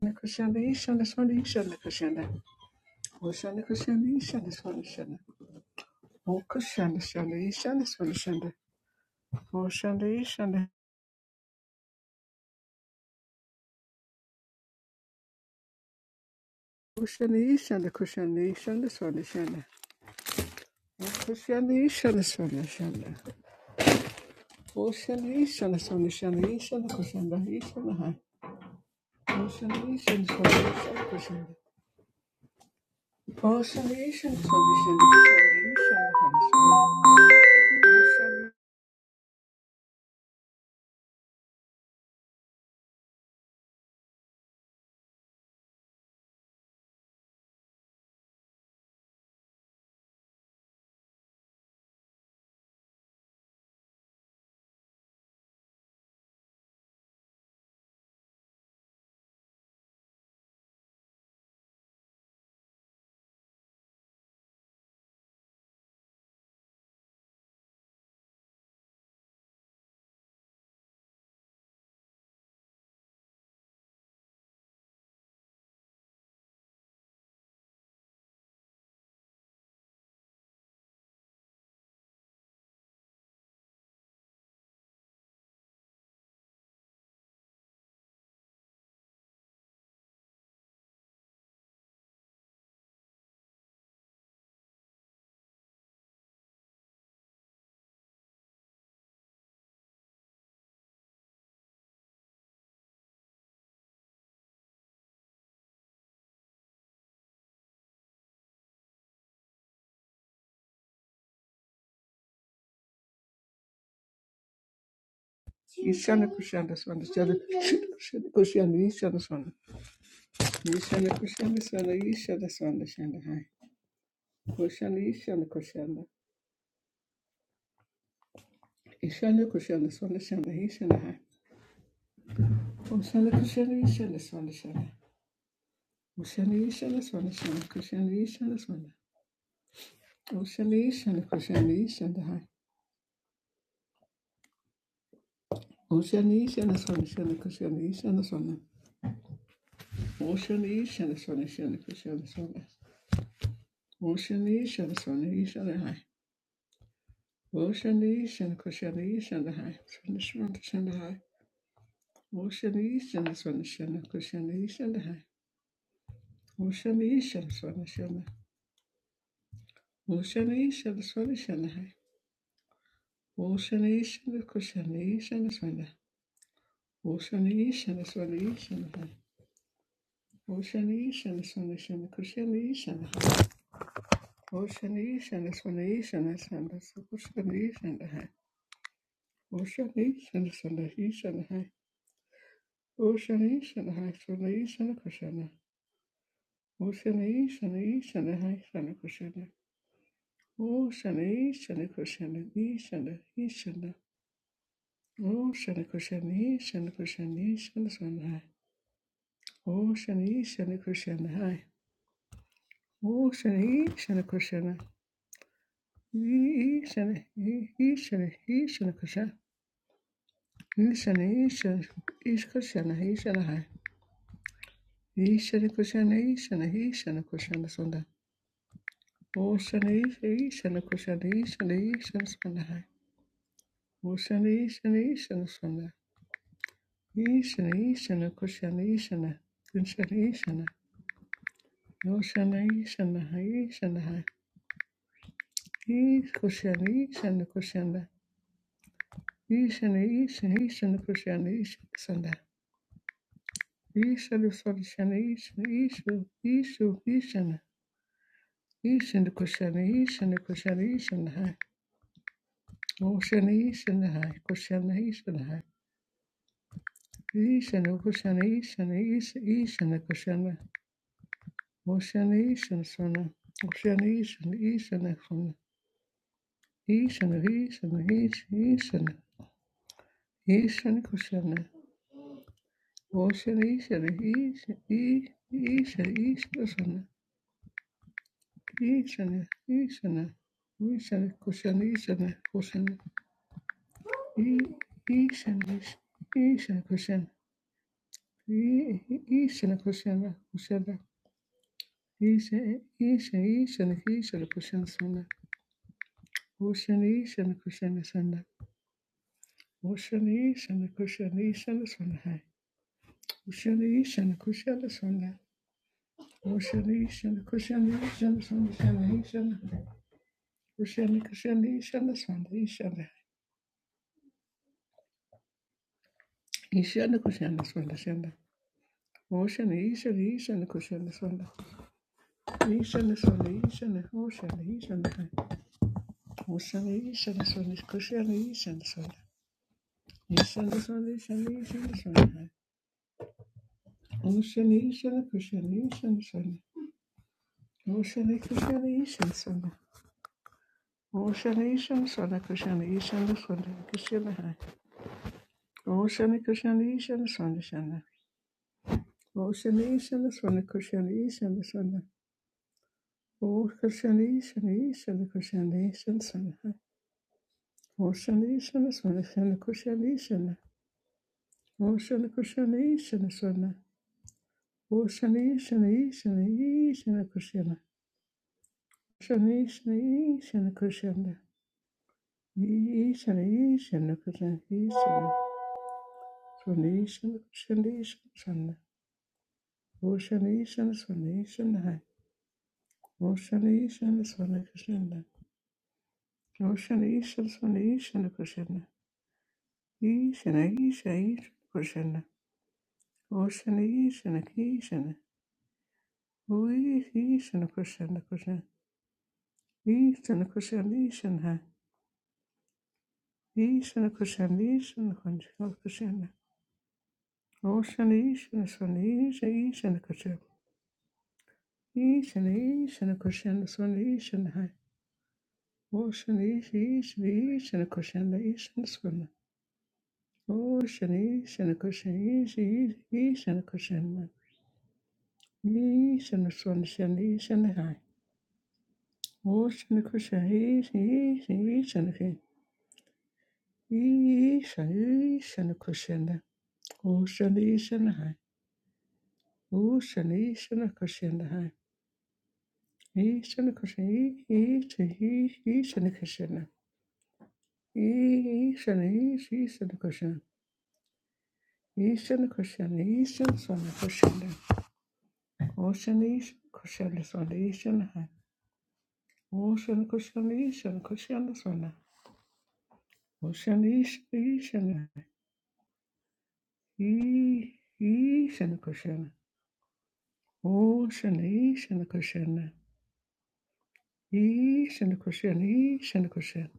Kushanda Ishanda Shanda Ishanda Kushanda. Oshanda Kushanda Ishanda Swanda Shanda. O Kushanda Shanda Ishanda Swanda Shanda. Oshanda Ishanda. Kushanda Ishanda Kushanda Ishanda Swanda Shanda. O Kushanda Ishanda Swanda Shanda. Oshanda Ishanda Swanda Shanda Ishanda Kushanda Ishanda Hai. Oshanda Ishanda Swanda Ishanda Kushanda. Oshanda Ishanda Swanda Shanda Kushanda Ishanda Hai. Oshanda Ishanda Kushanda Swanda Shanda. Kushanda Ishanda Swanda. Ishanda kushanda swanda ishanda swanda shanda hai. Kushanda ishanda kushanda. Ishanda kushanda swanda shanda ishanda hai. Kushanda kushanda ishanda swanda shanda. Kushanda ishanda swanda shanda kushanda ishanda swanda. Kushanda ishanda kushanda ishanda hai. Kushanda ishanda swanda shanda kushanda ishanda swanda. Kushanda ishanda swanda shanda kushanda swanda. Kushanda ishanda swanda ishanda hai. Kushanda ishanda kushanda ishanda hai. Swanda swanda shanda hai. Ocean Eastern Swanishana Kushana Eastern High. Ocean Eastern Swanishana Ocean Eastern Swanishana High. Ocean Eastern Kushana Eastern Swana Ocean Eastern Swanishana High. Ocean Eastern Swanishana Kushana Eastern High. Ocean Eastern Swanishana Sanda Kushana Eastern High. Ocean Eastern Swanishana High. Ocean Eastern High Swanishana Kushana Ocean Eastern Eastern High Swana Cushion. Oh, Shana, Shana, Kushana, Shana, Shana. Oh, Shana, Kushana, Shana, Kushana, Shana, Shana. Oh, Shana, Shana, Kushana, hai. Oh, Shana, Shana, Kushana. Shana, Shana, Shana, Kushana. Shana, Shana, Kushana, Shana, Hi. Shana, Kushana, Shana, Shana, Kushana, Shana. Oh, Shana, Shana, Kushana, Shana, Shana, Shana, hai. Oh, Shana, Shana, Shana, Shana. Ishana, Ishana, Kushana, Ishana, Kunshana, Ishana, Yoshana, Ishana, Ishana, Ish, Kushana, Ishana, Kushana, Ishana, Ishana, Ishana, Kushana, Ishana, Ishana, Sorshana, Ishana, Ishu, Ishu, Ishana, Ishana, Kushana, Ishana, Kushana, Ishana, Oshana, Ishana, Kushana, Ishana, Ishana, Kushana, Ishana, Ish, Ishana, Kushana, Oshana, Ishana, Sona, Oshana, Ishana, Ishana, Sona, Ishana, Ishana, Ishana, Ishana, Ishana Kushana, Oshana, Ishana, Ishana, Ishana, Ishana, Ishana, Ishana, Ishana Kushana, Ishana, Kushana, Ishana, Ishana Kushana, Ishana Kushana, Kushana, Ishana, Ishana, Ishana, Kushana, Sana, Oshana, Ishana Kushana, Sana, Oshana, Ishana Kushana, Ishana, Sana, Hai, Oshana, Ishana Kushana, Sana, Kushani shana kushani shana shana shana shana kushani kushani shana shana shana ishana kushana shana shana oshana ishana ishana kushana shana ishana shana ishana oshana ishana oshana ishana shana kushana ishana shana ishana shana shana ishana shana oshana ishana kushana ishana shana oshana kushana ishana shana oshana ishana shana kushana ishana shana kushana Oh, Shana Krishna, Shana Shana Shana. Oh, Shana Shana Shana Krishna, Shana Shana. Oh, Krishna, Shana Shana Krishna, Shana Shana. Oh, Shana Shana Shana Shana Krishna, Shana. Oh, Shana Krishna, Shana Shana. Oh, Shana Shana Shana Shana Krishna. Shana Shana Shana Krishna. Shana Shana Krishna, Shana. Shana Shana Krishna, Oh, Roshana Ishana Swana Krishna. Roshana Ishana Swana Ishana Krishna. Ishana Isha Ishana Krishna. Roshana Ishana Krishna. Uish Ishana Krishna Krishna. Ishana Krishna Ishana. Ishana Krishna Ishana Krishna. Roshana Ishana Swana Isha Ishana Krishna. Ishana Ishana Krishna Swana Ishana. Roshana Isha Ishana Krishna Ishana Swana. Oh, shani, shana kushan, easy, easy, easy, shana kushan, easy, shana swan, shana, shana high. Oh, shana kushan, easy, easy, easy, shana kin. Easy, shana, easy, shana kushan, oh, shana, easy, shana high. Oh, shana, easy, shana kushan, high. Easy, shana kushan, easy, easy, easy, shana kushan. Easy, shana, easy, easy, shana kushan. Easy, shana kushan, easy, shana swan, kushan. Oh, shana, easy, kushan, swan, easy, shana high. Ocean cushion ishan cushion sana. Ocean ish ishan e ishan cushion. Ocean ishan cushion. Ishan cushion ishan cushion.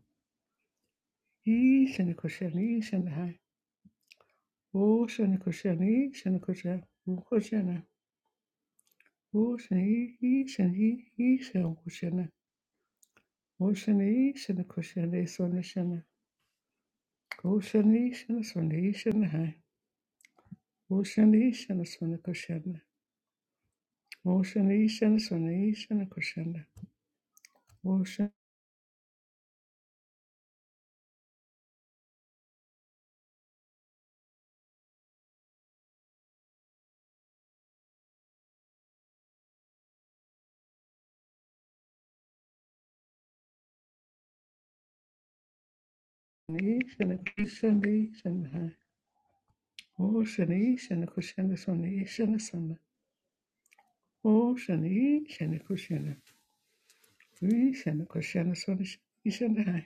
Ishan cushion ishan high. Ocean cushion ishan cushion. Cushion. Ocean ishan he ishan cushion. Ocean ishan cushion is on the shana. Ocean ishan son ishan high. Ocean ishan son cushion. Motion Ishan, Swanation, Kushana. Motion Ishan, Kushan, Ishan, Motion Ishan, Kushana, Swanation, Sana. Motion Ishan, Kushana. Ishan, Kushana, Swanation, Ishan,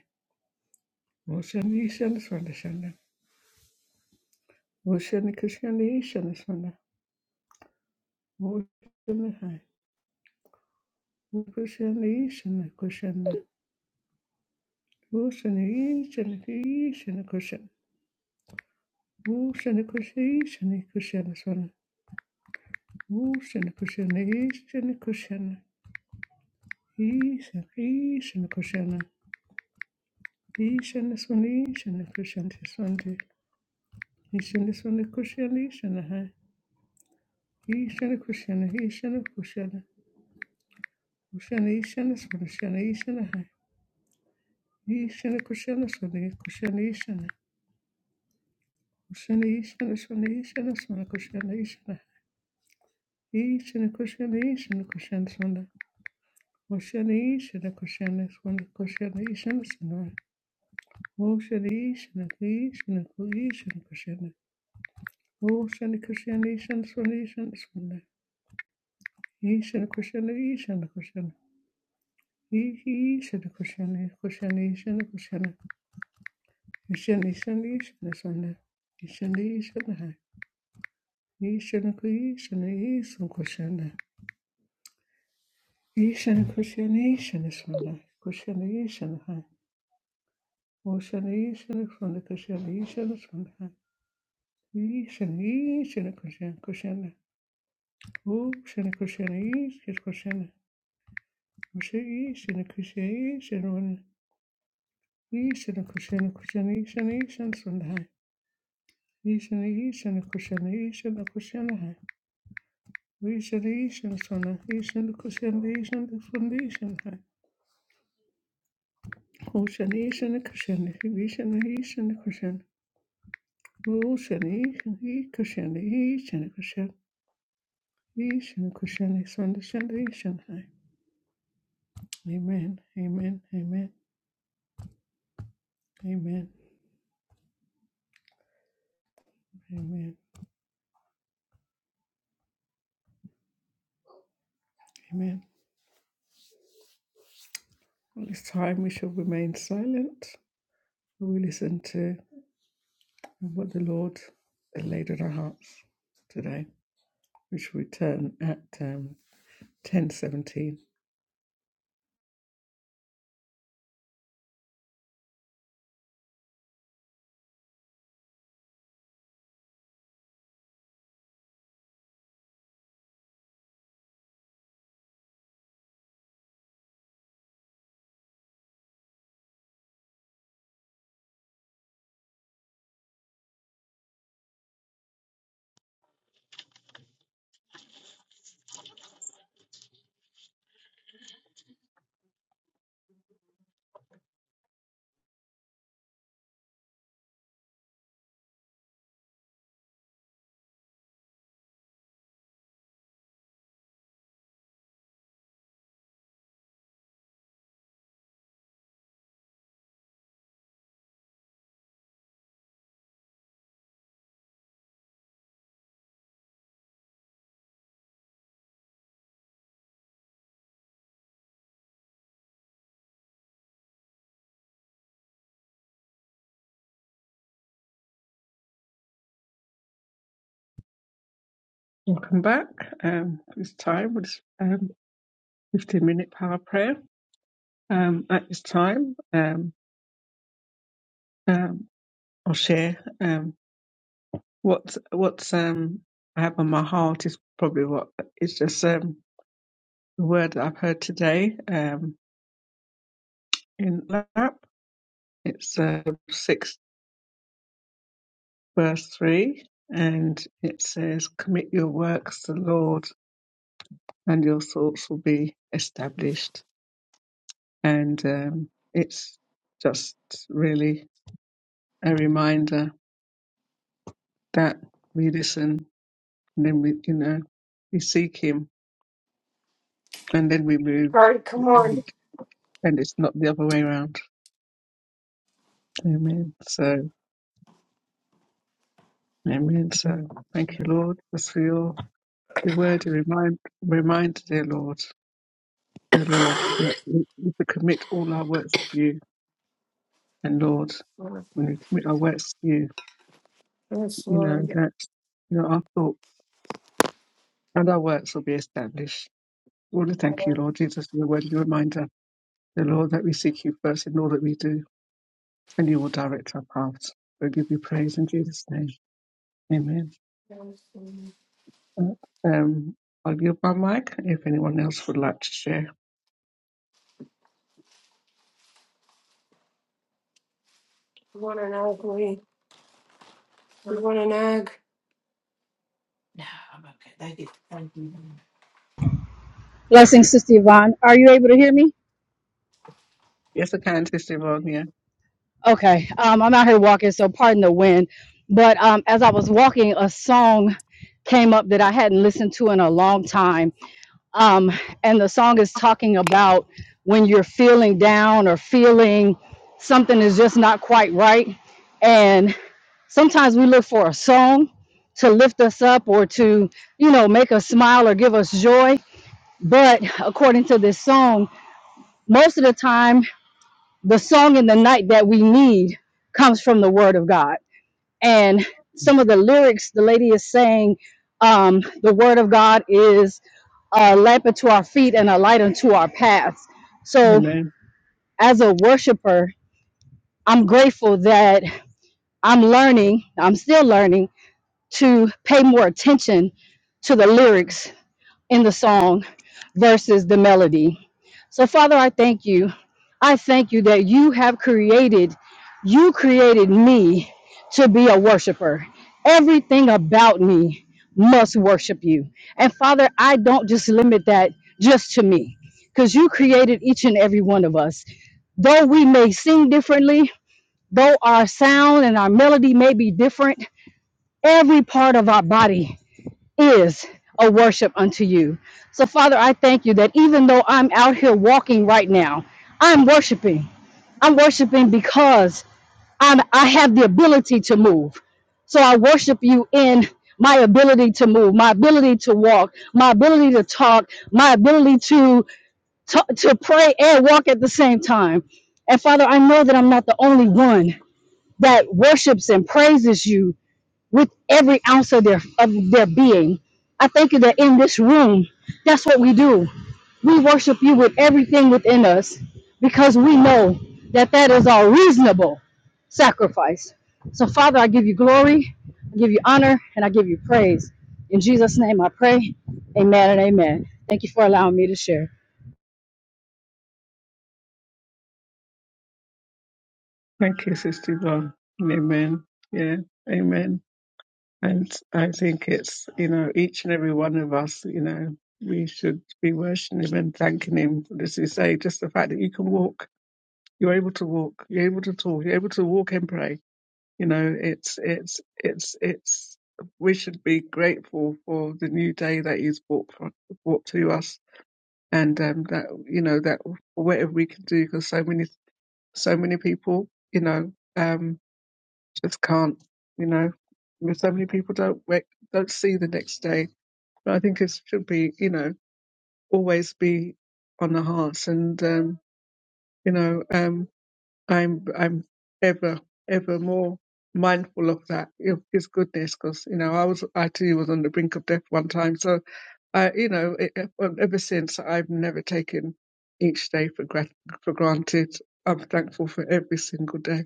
Motion Ishan, Swanashana. Motion Kushan, Ishan, Sana. Motion High. Kushan, Ishan, Kushana. Motion Ishan, Ishan, Kushan. Motion Kushan, Ishan, Kushana, Swana. Ocean cushion, Asian cushion, Asian, Asian cushion, Asian is one, Asian cushion is one, Asian is one cushion, Asian, huh? Asian cushion, Asian cushion, Ocean Asian is one, Ocean Asian, huh? Asian cushion is one, cushion Asian, Ocean Asian is one, Asian is one cushion Asian, Asian cushion, Asian cushion is one, Ocean Asian cushion is one, cushion Asian is one. uh-huh. Oh, Shani, Shana, Kri, Shana, Kri, Shana, Krishna. Oh, Shani, Krishna, Shana, Swami, Shana, Swami. He, Shana, Krishna, He, Shana, Krishna. He, He, Shana, Krishna, Krishna, Shana, Krishna. He, Shani, Shani, Shana, Swami. He, Shani, Shana, Hai. He, shani, Kri, Shana, He, Shana, Krishna. He, Shana, Krishna, Shana, Swami. Krishna, Shana, Hai. Oh, Shani, Shana, Swami, Krishna, Shana, Swami. Hai. He, Shani, Shana, Krishna, Krishna. Bu seni kuşanı iyi, seni kuşanı kuşu iyi, seni kuşu iyi, seni onu iyi, seni kuşanı kuşanı iyi, seni iyi, seni sonda hay. İyi seni iyi, seni kuşanı iyi, seni kuşanı hay. Bu iyi seni iyi, seni sonda, iyi seni kuşanı, iyi seni sonda, iyi seni hay. Bu seni iyi, seni kuşanı, iyi seni iyi, seni kuşanı. Bu seni iyi, seni iyi kuşanı, iyi seni kuşanı, iyi seni kuşanı, sonda sonda iyi seni hay. Amen, amen, amen, amen, amen, amen. At this time, we shall remain silent. We will listen to what the Lord has laid on our hearts today. We shall return at um, 10.17. Welcome back. Um, at this time was um, 15-minute power prayer. Um, at this time, um, um, I'll share um, what what's um, I have on my heart is probably what it's just um, the word that I've heard today um, in lap. It's uh, six verse 3, and it says, Commit your works to the Lord, and your thoughts will be established. And um, it's just really a reminder that we listen, and then we, you know, we seek Him, and then we move. Lord, come on. And and it's not the other way around. Amen. So, amen. So, thank you, Lord, just for your, your word, your remind, reminder, dear Lord, dear Lord, that we we commit all our works to you And Lord, when we commit our works to you, Yes, you know, Lord. that you know, our thoughts and our works will be established. We want to thank you, You Lord Jesus, for the worthy reminder, the Lord, that we seek you first in all that we do, and you will direct our paths. We give you praise in Jesus' name. Amen. Uh, Um, I'll give my mic if anyone else would like to share. want an egg, Lee? You want an egg? Blessings, Sister Yvonne. Are you able to hear me? Yes, I can, Sister Yvonne, yeah. Okay. Um, I'm out here walking, so pardon the wind. But um, as I was walking, a song came up that I hadn't listened to in a long time. Um, and the song is talking about when you're feeling down or feeling something is just not quite right. And sometimes we look for a song to lift us up or to, you know, make us smile or give us joy. But according to this song, most of the time, the song in the night that we need comes from the word of god and some of the lyrics the lady is saying um, the word of god is a lamp unto our feet and a light unto our paths so Amen. as a worshiper i'm grateful that i'm learning i'm still learning to pay more attention to the lyrics in the song versus the melody. So, Father, I thank you. I thank you that you have created, you created me to be a worshiper. Everything about me must worship you. And Father, I don't just limit that just to me, because you created each and every one of us. Though we may sing differently, though our sound and our melody may be different, every part of our body is a worship unto you. So, Father, I thank you that even though I'm out here walking right now, I'm worshiping. I'm worshiping because I'm, I have the ability to move. So, I worship you in my ability to move, my ability to walk, my ability to talk, my ability to, to, to pray and walk at the same time. And, Father, I know that I'm not the only one that worships and praises you with every ounce of their of their being. I thank you that in this room, that's what we do. We worship you with everything within us because we know that that is our reasonable sacrifice. So, Father, I give you glory, I give you honor, and I give you praise. In Jesus' name I pray. Amen and amen. Thank you for allowing me to share. Thank you, Sister Yvonne. Amen. Yeah. Amen. And I think it's, you know, each and every one of us, you know, we should be worshipping him and thanking him. As you say, just the fact that you can walk, you're able to walk, you're able to talk, you're able to walk and pray. You know, it's, it's, it's, it's, we should be grateful for the new day that he's brought, for, brought to us. And, um, that, you know, that whatever we can do, because so many, so many people, you know, um, just can't, you know. Because So many people don't wake, don't see the next day. But I think it should be, you know, always be on the hearts. And um, you know, um, I'm I'm ever ever more mindful of that of His goodness, because you know, I was I too was on the brink of death one time. So I, you know, it, ever since I've never taken each day for grat- for granted. I'm thankful for every single day.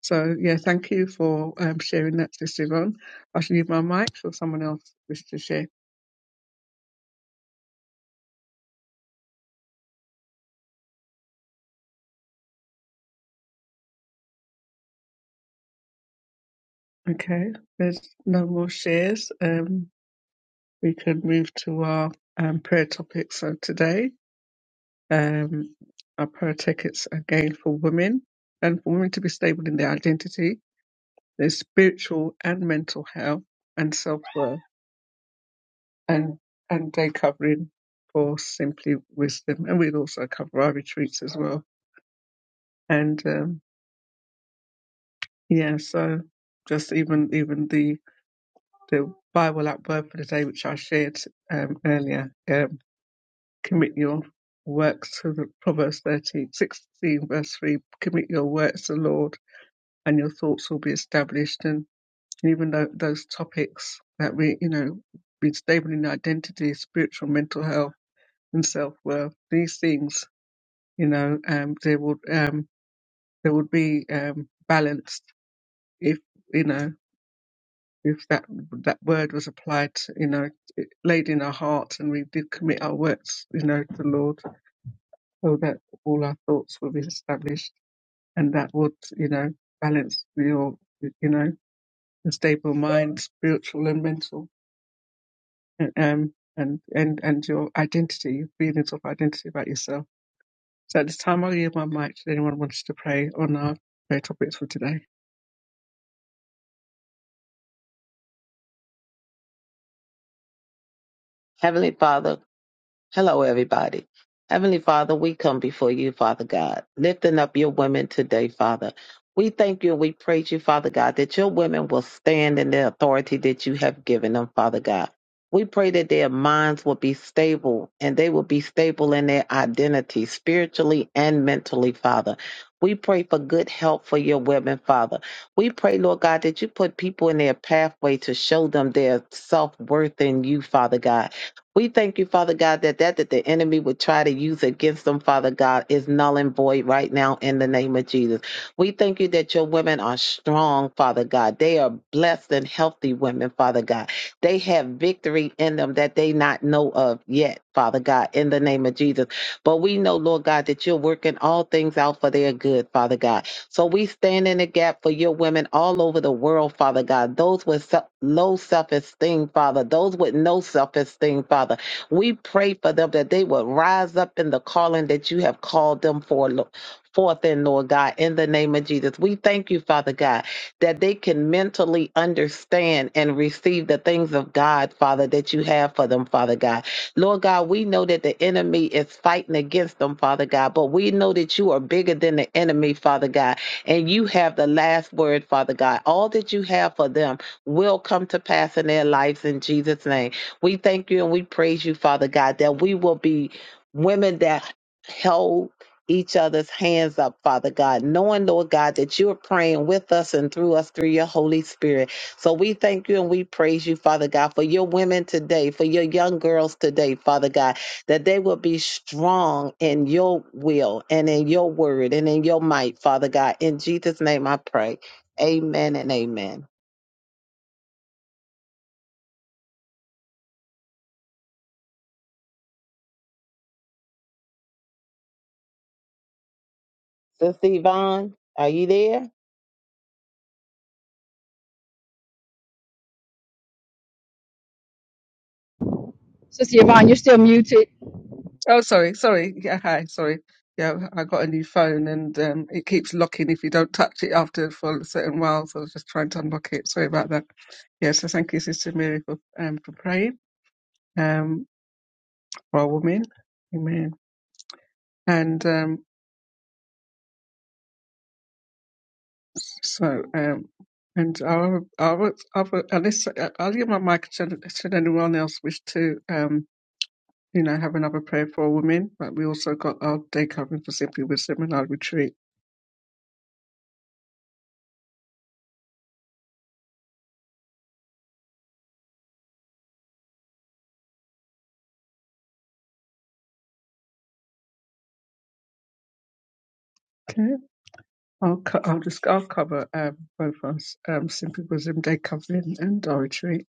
So yeah, thank you for um, sharing that, Sister Yvonne. I should leave my mic for someone else wish to share. Okay, there's no more shares. Um, we can move to our um, prayer topics of today. Um, our prayer tickets again for women and for women to be stable in their identity, their spiritual and mental health and self-worth and, and day covering for Simply Wisdom. And we'll also cover our retreats as well. And, um, Yeah, so just even even the the Bible app word for the day which I shared um, earlier, um, commit your works to the Proverbs 13 16 verse three, commit your works to the Lord, and your thoughts will be established. And even though those topics that we you know be stable in identity, spiritual, mental health, and self worth, these things you know um, they would um, they would be um, balanced if you know. if that that word was applied, you know, it laid in our hearts and we did commit our works, you know, to the Lord, so that all our thoughts will be established and that would, you know, balance your, you know, the stable mind, spiritual and mental, and, um, and, and, and your identity, your feelings of identity about yourself. So at this time, I'll give my mic to anyone who wants to pray on our prayer topics for today. Heavenly Father, hello everybody. Heavenly Father, we come before you, Father God, lifting up your women today, Father. We thank you and we praise you, Father God, that your women will stand in the authority that you have given them, Father God. We pray that their minds will be stable and they will be stable in their identity, spiritually and mentally, Father. We pray for good help for your women, Father. We pray, Lord God, that you put people in their pathway to show them their self worth in you, Father God we thank you, Father God, that that that the enemy would try to use against them, Father God, is null and void right now in the name of Jesus. We thank you that your women are strong, Father God. They are blessed and healthy women, Father God. They have victory in them that they not know of yet, Father God, in the name of Jesus. But we know, Lord God, that you're working all things out for their good, Father God. So we stand in the gap for your women all over the world, Father God. Those with se- low self esteem, Father. Those with no self esteem, Father. We pray for them that they would rise up in the calling that you have called them for. Lo- Forth in Lord God, in the name of Jesus. We thank you, Father God, that they can mentally understand and receive the things of God, Father, that you have for them, Father God. Lord God, we know that the enemy is fighting against them, Father God, but we know that you are bigger than the enemy, Father God and you have the last word, Father God. All that you have for them will come to pass in their lives in Jesus' name. We thank you and we praise you, Father God, that we will be women that hold each other's hands up, Father God, knowing, Lord God, that you're praying with us and through us through your Holy Spirit. So we thank you and we praise you, Father God, for your women today, for your young girls today, Father God that they will be strong in your will and in your word and in your might, Father God. In Jesus' name I pray. Amen and amen. Sister Yvonne, are you there? Sister Yvonne, you're still muted. Oh, sorry, sorry. Yeah, hi, sorry. Yeah, I got a new phone and um, it keeps locking if you don't touch it after for a certain while. So I was just trying to unlock it. Sorry about that. Yeah, so thank you, Sister Mary, for um, for praying um, for our women. Amen. And um, so, um, and our, our, our, unless, I'll give my mic should, should anyone else wish to, um, you know, have another prayer for our women. But we also got our day covering for Simply Wisdom and our retreat. Okay. I'll, co- I'll just I'll cover um, both of us, um, Simply Wisdom Day Covering and Oratory.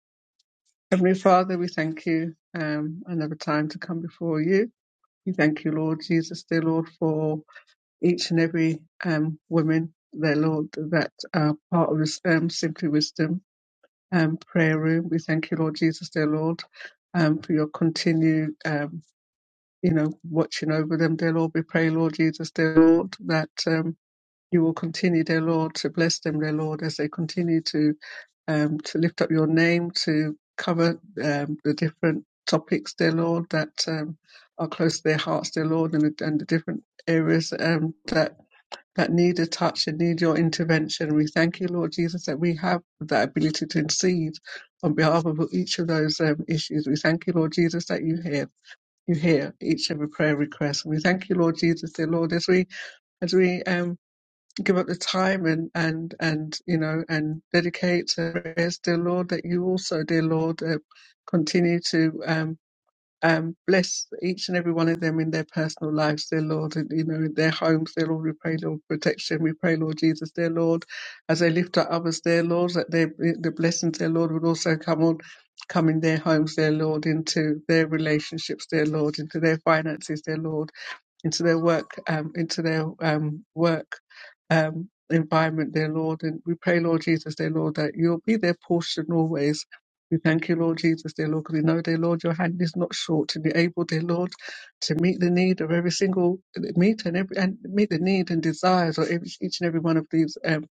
Heavenly Father, we thank you um, another time to come before you. We thank you, Lord Jesus, dear Lord, for each and every um, woman, their Lord, that are part of this um, Simply Wisdom um, prayer room. We thank you, Lord Jesus, dear Lord, um, for your continued, um, you know, watching over them, dear Lord. We pray, Lord Jesus, dear Lord, that. Um, you will continue, dear Lord, to bless them, dear Lord, as they continue to um, to lift up your name, to cover um, the different topics, dear Lord, that um, are close to their hearts, dear Lord, and, the- and the different areas um, that that need a touch and need your intervention. We thank you, Lord Jesus, that we have that ability to intercede on behalf of each of those um, issues. We thank you, Lord Jesus, that you hear you hear each of every prayer request. We thank you, Lord Jesus, dear Lord, as we as we um, give up the time and and and you know and dedicate to prayers, dear Lord, that you also, dear Lord, uh, continue to um, um, bless each and every one of them in their personal lives, dear Lord, and, you know, in their homes, dear Lord. We pray, Lord, protection. We pray, Lord Jesus, dear Lord, as they lift up others, dear Lord, that they, the blessings, dear Lord, would also come on. Come in their homes, dear Lord, into their relationships, dear Lord, into their finances, dear Lord into their work, um, into their um, work um, environment, dear Lord. And we pray, Lord Jesus, dear Lord, that you'll be their portion always. We thank you, Lord Jesus, dear Lord, because we know, dear Lord, your hand is not short and you're able, dear Lord, to meet the need of every single meet and every and meet the need and desires of every, each and every one of these um,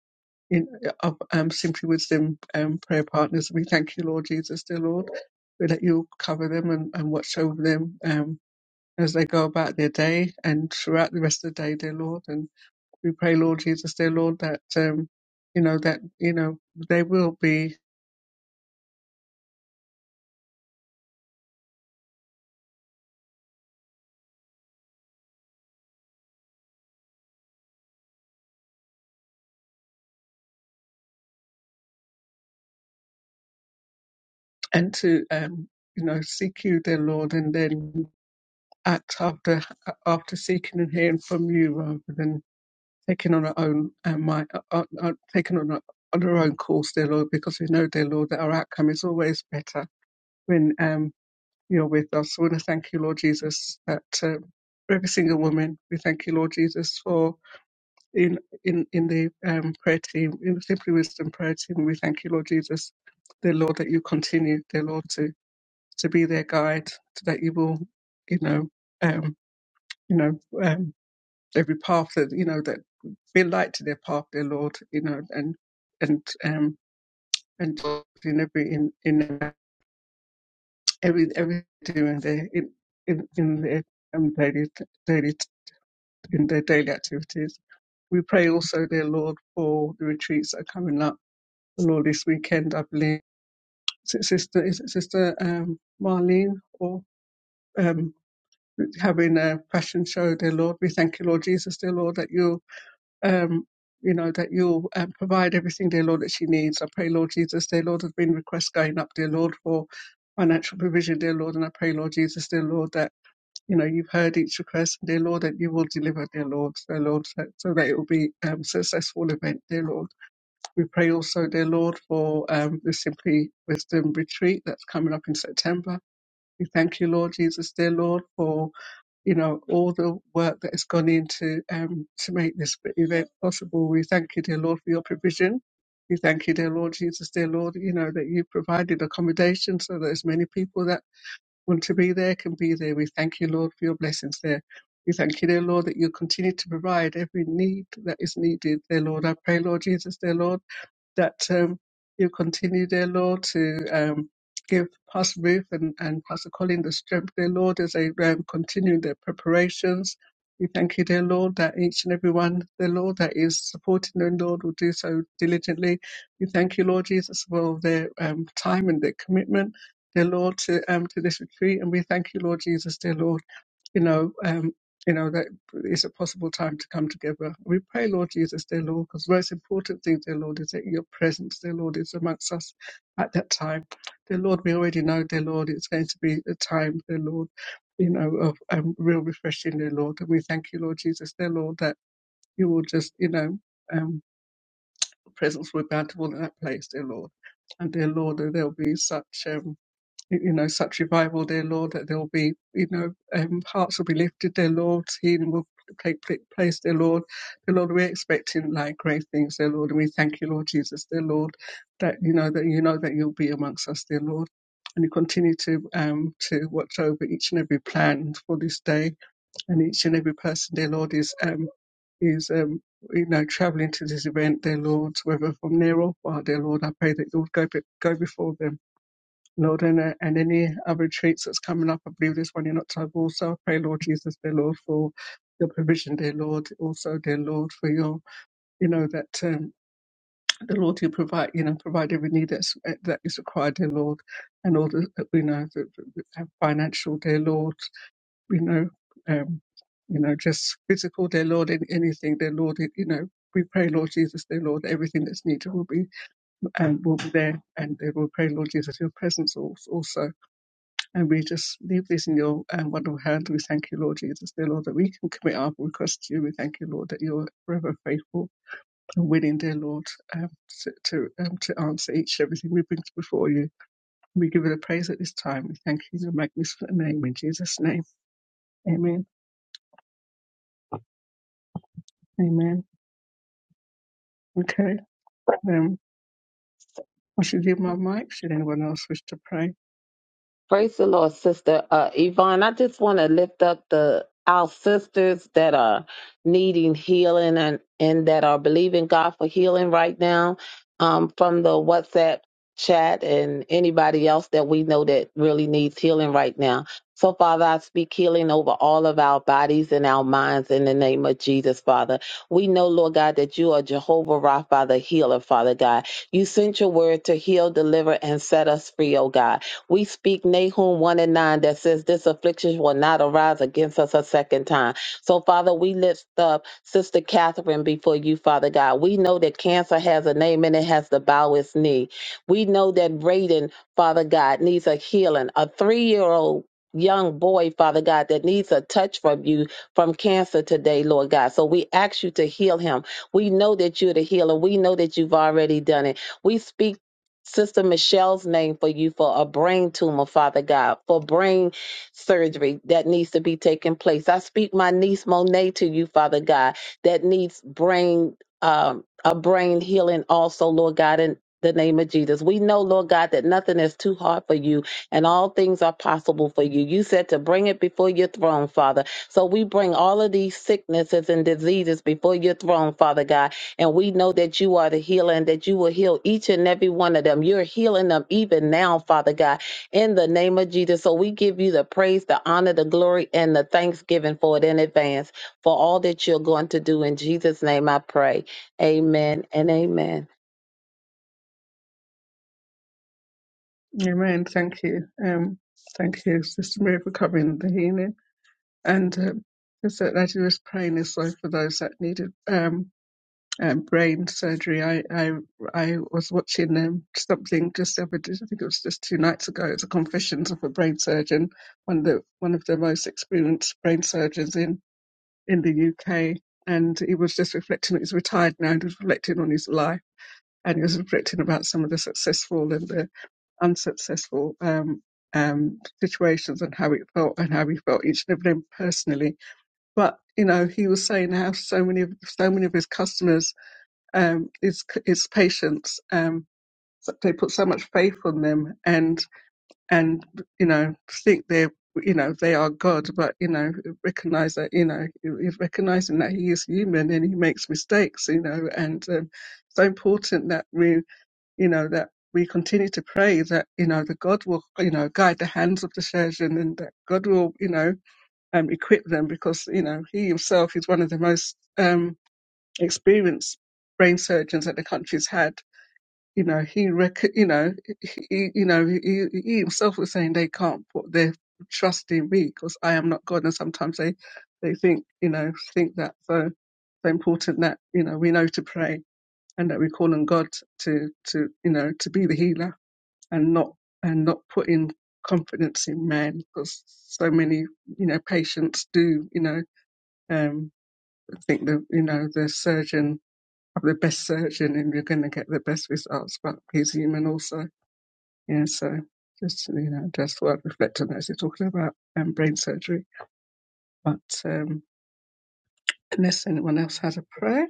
in, of um, simply wisdom um, prayer partners. We thank you, Lord Jesus, dear Lord, that you cover them and, and watch over them. Um, as they go about their day and throughout the rest of the day, dear Lord. And we pray, Lord Jesus, dear Lord, that um, you know that you know they will be and to um, you know seek you, dear Lord, and then act after after seeking and hearing from you rather than taking on our own and my uh, uh, taking on our, on our own course, dear Lord, because we know, dear Lord, that our outcome is always better when um, you're with us. We want to thank you, Lord Jesus, that. Um, every single woman. We thank you, Lord Jesus, for in in in the um, prayer team, in the Simply Wisdom prayer team. We thank you, Lord Jesus, dear Lord, that you continue, dear Lord, to to be their guide, that you will, you know, um, you know, um, every path that you know that be a light to their path, dear Lord, you know, and and um and in every in in every every doing their in in, in their um, daily daily in their daily activities. We pray also, dear Lord, for the retreats that are coming up know this weekend, I believe Si- sister is it sister um, Marlene or um, having a fashion show. Dear Lord, we thank you, Lord Jesus, dear Lord, that you um, you know that you um, provide everything, dear Lord, that she needs. I pray, Lord Jesus, dear Lord, there's been requests going up, dear Lord, for financial provision, dear Lord, and I pray, Lord Jesus, dear Lord, that you know you've heard each request, dear Lord, that you will deliver, dear Lord, dear Lord, so, so that it will be um, successful event, dear Lord. We pray also, dear Lord, for um, the Simply Wisdom retreat that's coming up in September. We thank you, Lord Jesus, dear Lord, for you know all the work that has gone into um, to make this event possible. We thank you, dear Lord, for your provision. We thank you, dear Lord Jesus, dear Lord, you know that you provided accommodation so that as many people that want to be there can be there. We thank you, Lord, for your blessings there. We thank you, dear Lord, that you continue to provide every need that is needed, dear Lord. I pray, Lord Jesus, dear Lord that um, you continue, dear Lord, to um, give Pastor Ruth and, and Pastor Colin the strength, dear Lord, as they um, continue their preparations. We thank you, dear Lord, that each and every one, dear Lord, that is supporting them, Lord, will do so diligently. We thank you, Lord Jesus, for their um, time and their commitment, dear Lord, to, um, to this retreat. And we thank you, Lord Jesus, dear Lord you know, um, you know, that it's a possible time to come together. We pray, Lord Jesus, dear Lord, because the most important thing, dear Lord, is that your presence, dear Lord, is amongst us at that time. Dear Lord, we already know, dear Lord, it's going to be a time, dear Lord, you know, of um, real refreshing, dear Lord. And we thank you, Lord Jesus, dear Lord, that you will just, you know, um, presence will be bountiful in that place, dear Lord. And dear Lord, that there will be such um, you know, such revival, dear Lord, that there will be, you know, um, hearts will be lifted, dear Lord, healing will take place, dear Lord. Dear Lord, we're expecting like great things, dear Lord, and we thank you, Lord Jesus, dear Lord, that you know that you know that you'll be amongst us, dear Lord. And you continue to um to watch over each and every plan for this day and each and every person, dear Lord, is um is um you know, traveling to this event, dear Lord, whether from near or far, dear Lord, I pray that you would go, be- go before them Lord, and, uh, and any other retreats that's coming up, I believe there's one in October also. I pray, Lord Jesus, dear Lord, for your provision, dear Lord. Also, dear Lord, for your, you know, that um, the Lord you provide, you know, provide every need that's, that is required, dear Lord. And all the, you know, the, the, the financial, dear Lord, you know, um, you know, just physical, dear Lord, and anything, dear Lord, you know, we pray, Lord Jesus, dear Lord, everything that's needed will be um, will be there, and they will pray, Lord Jesus, your presence al- also. And we just leave this in your um, wonderful hand. We thank you, Lord Jesus, dear Lord, that we can commit our requests to you. We thank you, Lord, that you're forever faithful and willing, dear Lord, um, to to, um, to answer each and everything we bring before you. We give you the praise at this time. We thank you in your magnificent name, in Jesus' name. Amen. Amen. Okay. Um, I should give my mic. Should anyone else wish to pray? Praise the Lord, Sister uh, Yvonne. I just want to lift up the our sisters that are needing healing and and that are believing God for healing right now um, from the WhatsApp chat and anybody else that we know that really needs healing right now. So, Father, I speak healing over all of our bodies and our minds in the name of Jesus, Father. We know, Lord God, that you are Jehovah Rapha, the healer, Father God. You sent your word to heal, deliver, and set us free, oh God. We speak Nahum 1 and 9 that says, This affliction will not arise against us a second time. So, Father, we lift up Sister Catherine before you, Father God. We know that cancer has a name and it has to bow its knee. We know that Raiden, Father God, needs a healing. A three year old young boy, Father God, that needs a touch from you from cancer today, Lord God. So we ask you to heal him. We know that you're the healer. We know that you've already done it. We speak Sister Michelle's name for you for a brain tumor, Father God, for brain surgery that needs to be taking place. I speak my niece Monet to you, Father God, that needs brain um, a brain healing also, Lord God, in the name of Jesus. We know, Lord God, that nothing is too hard for you and all things are possible for you. You said to bring it before your throne, Father. So we bring all of these sicknesses and diseases before your throne, Father God and we know that you are the healer and that you will heal each and every one of them. You're healing them even now, Father God, in the name of Jesus. So we give you the praise, the honor, the glory, and the thanksgiving for it in advance for all that you're going to do. In Jesus' name I pray. Amen and amen. Amen. Thank you. Um, thank you, Sister Mary, for covering the healing. and um, he that he was praying his way for those that needed um, um, brain surgery. I, I I was watching um, something just the other day. I think it was just two nights ago. It was a confessions of a brain surgeon, one of the one of the most experienced brain surgeons in in the UK, and he was just reflecting. He's retired now, and he was reflecting on his life, and he was reflecting about some of the successful and the unsuccessful um, um, situations and how it felt and how he felt each and every day personally but you know he was saying how so many of so many of his customers um his his patients um so- they put so much faith on them and and you know think they're you know they are god but you know recognize that you know he's recognizing that he is human and he makes mistakes you know and um, so important that we you know that we continue to pray that you know the god will you know guide the hands of the surgeon and that god will you know um, equip them because you know he himself is one of the most um, experienced brain surgeons that the country's had. You know he, rec- you know he, you know he, he himself was saying they can't put their trust in me because I am not God, and sometimes they they think you know think that so so important that you know we know to pray and that we call on God to to you know to be the healer and not and not put in confidence in man because so many you know patients do you know um, I think the you know the surgeon, the best surgeon, and you're going to get the best results. But he's human also. Yeah, so just you know, just thought I'd reflect on that as you're talking about um, brain surgery. But um, unless anyone else has a prayer,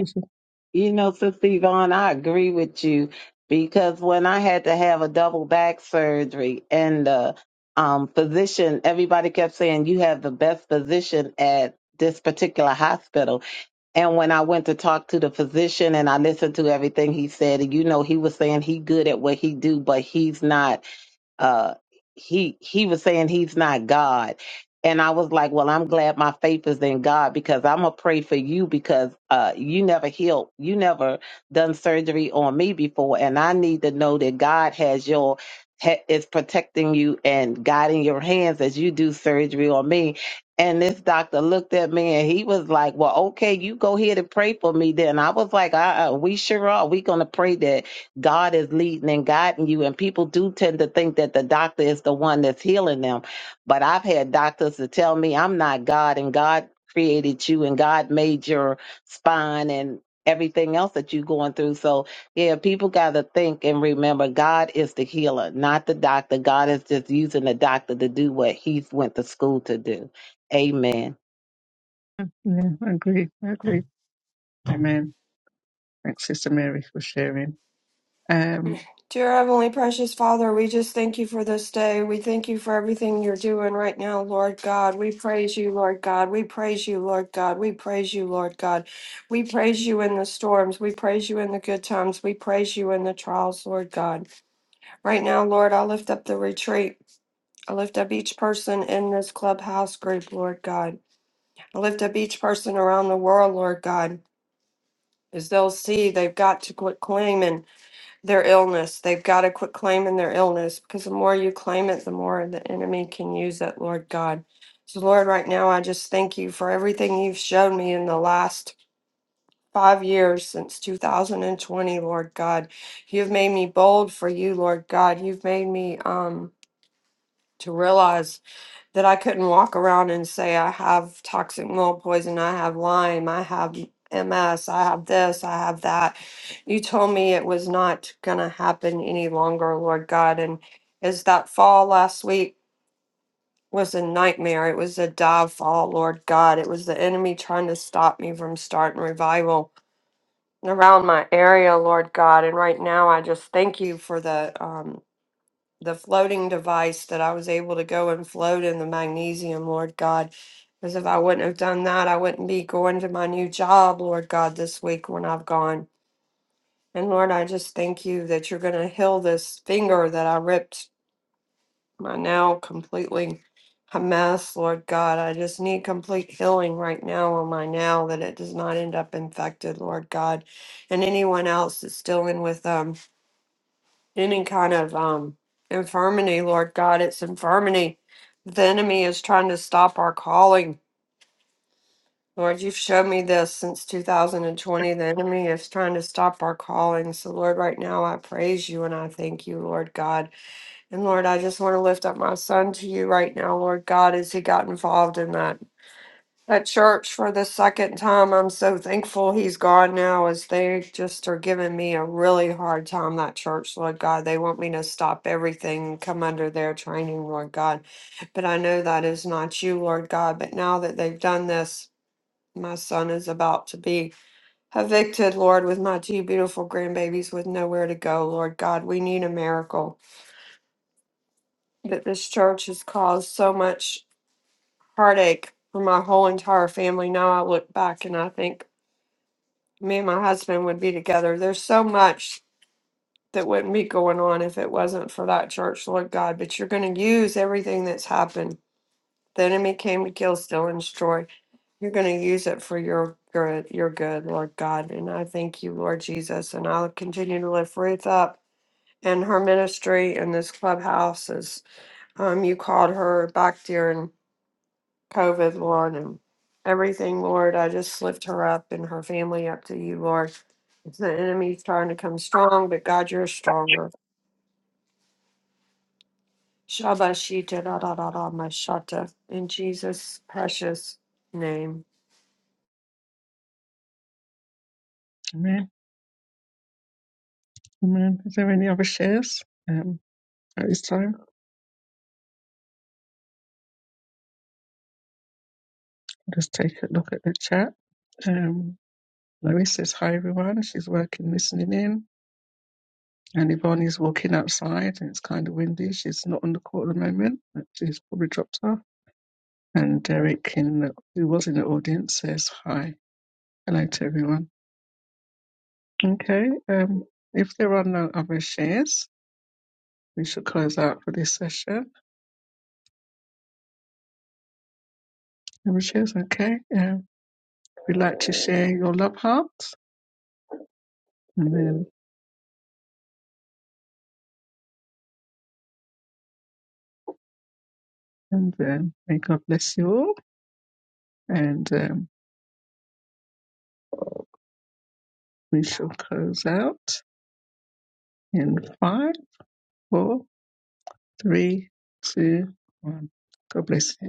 I should- you know, Sister Yvonne, I agree with you because when I had to have a double back surgery and the um, physician, everybody kept saying, you have the best physician at this particular hospital. And when I went to talk to the physician and I listened to everything he said, you know, he was saying he good at what he do, but he's not uh he he was saying he's not God. And I was like, Well, I'm glad my faith is in God because I'm gonna pray for you because uh you never healed, you never done surgery on me before, and I need to know that God has your ha- is protecting you and guiding your hands as you do surgery on me. And this doctor looked at me and he was like, Well, okay, you go ahead and pray for me then. I was like, uh uh we sure are. we gonna pray that God is leading and guiding you. And people do tend to think that the doctor is the one that's healing them. But I've had doctors to tell me I'm not God and God created you and God made your spine and everything else that you're going through. So, yeah, people got to think and remember God is the healer, not the doctor. God is just using the doctor to do what He went to school to do. Amen. yeah, I agree. I agree. Amen. Thanks, Sister Mary, for sharing. Um, Dear Heavenly Precious Father, we just thank you for this day. We thank you for everything you're doing right now, Lord God. We praise you, Lord God. We praise you, Lord God. We praise you, Lord God. We praise you in the storms. We praise you in the good times. We praise you in the trials, Lord God. Right now, Lord, I lift up the retreat. I lift up each person in this clubhouse group, Lord God. I lift up each person around the world, Lord God, as they'll see they've got to quit claiming their illness. They've got to quit claiming their illness because the more you claim it, the more the enemy can use it, Lord God. So, Lord, right now, I just thank you for everything you've shown me in the last five years since 2020, Lord God. You've made me bold for you, Lord God. You've made me, um, to realize that I couldn't walk around and say I have toxic mold poison, I have Lyme, I have MS, I have this, I have that. You told me it was not going to happen any longer, Lord God. And as that fall last week was a nightmare, it was a dive fall, Lord God. It was the enemy trying to stop me from starting revival around my area, Lord God. And right now, I just thank you for the. um, the floating device that I was able to go and float in the magnesium, Lord God. Because if I wouldn't have done that, I wouldn't be going to my new job, Lord God, this week when I've gone. And Lord, I just thank you that you're going to heal this finger that I ripped my now completely a mess, Lord God. I just need complete healing right now on my now that it does not end up infected, Lord God. And anyone else that's dealing with um any kind of um infirmity, Lord God. It's infirmity. The enemy is trying to stop our calling. Lord, you've shown me this since 2020. The enemy is trying to stop our calling. So, Lord, right now I praise you and I thank you, Lord God. And Lord, I just want to lift up my son to you right now, Lord God, as he got involved in that at church for the second time. I'm so thankful he's gone now, as they just are giving me a really hard time. That church, Lord God, they want me to stop everything, and come under their training, Lord God. But I know that is not you, Lord God. But now that they've done this, my son is about to be evicted, Lord, with my two beautiful grandbabies with nowhere to go, Lord God. We need a miracle. But this church has caused so much heartache for my whole entire family. Now I look back and I think me and my husband would be together. There's so much that wouldn't be going on if it wasn't for that church, Lord God. But you're going to use everything that's happened. The enemy came to kill, steal, and destroy. You're going to use it for your good, your good, Lord God. And I thank you, Lord Jesus. And I'll continue to lift Ruth up and her ministry in this clubhouse as um, you called her back during COVID, Lord, and everything, Lord. I just lift her up and her family up to you, Lord. If the enemy's trying to come strong, but God, you're stronger. Shabashita da da da da mashata. In Jesus' precious name. amen. Amen. Is there any other shares? Um, at this time, just take a look at the chat. Um, Lois says hi everyone. She's working, listening in. And Ivani's walking outside and it's kind of windy. She's not on the court at the moment, but she's probably dropped off. And Derek, in the, who was in the audience, says hi. Hello to everyone. Okay, um, if there are no other shares, we should close out for this session. Other shares, okay. Um, we'd like to share your love heart. And then, and then may God bless you all. And um, we shall close out in five, four, Three, two, one. God bless you.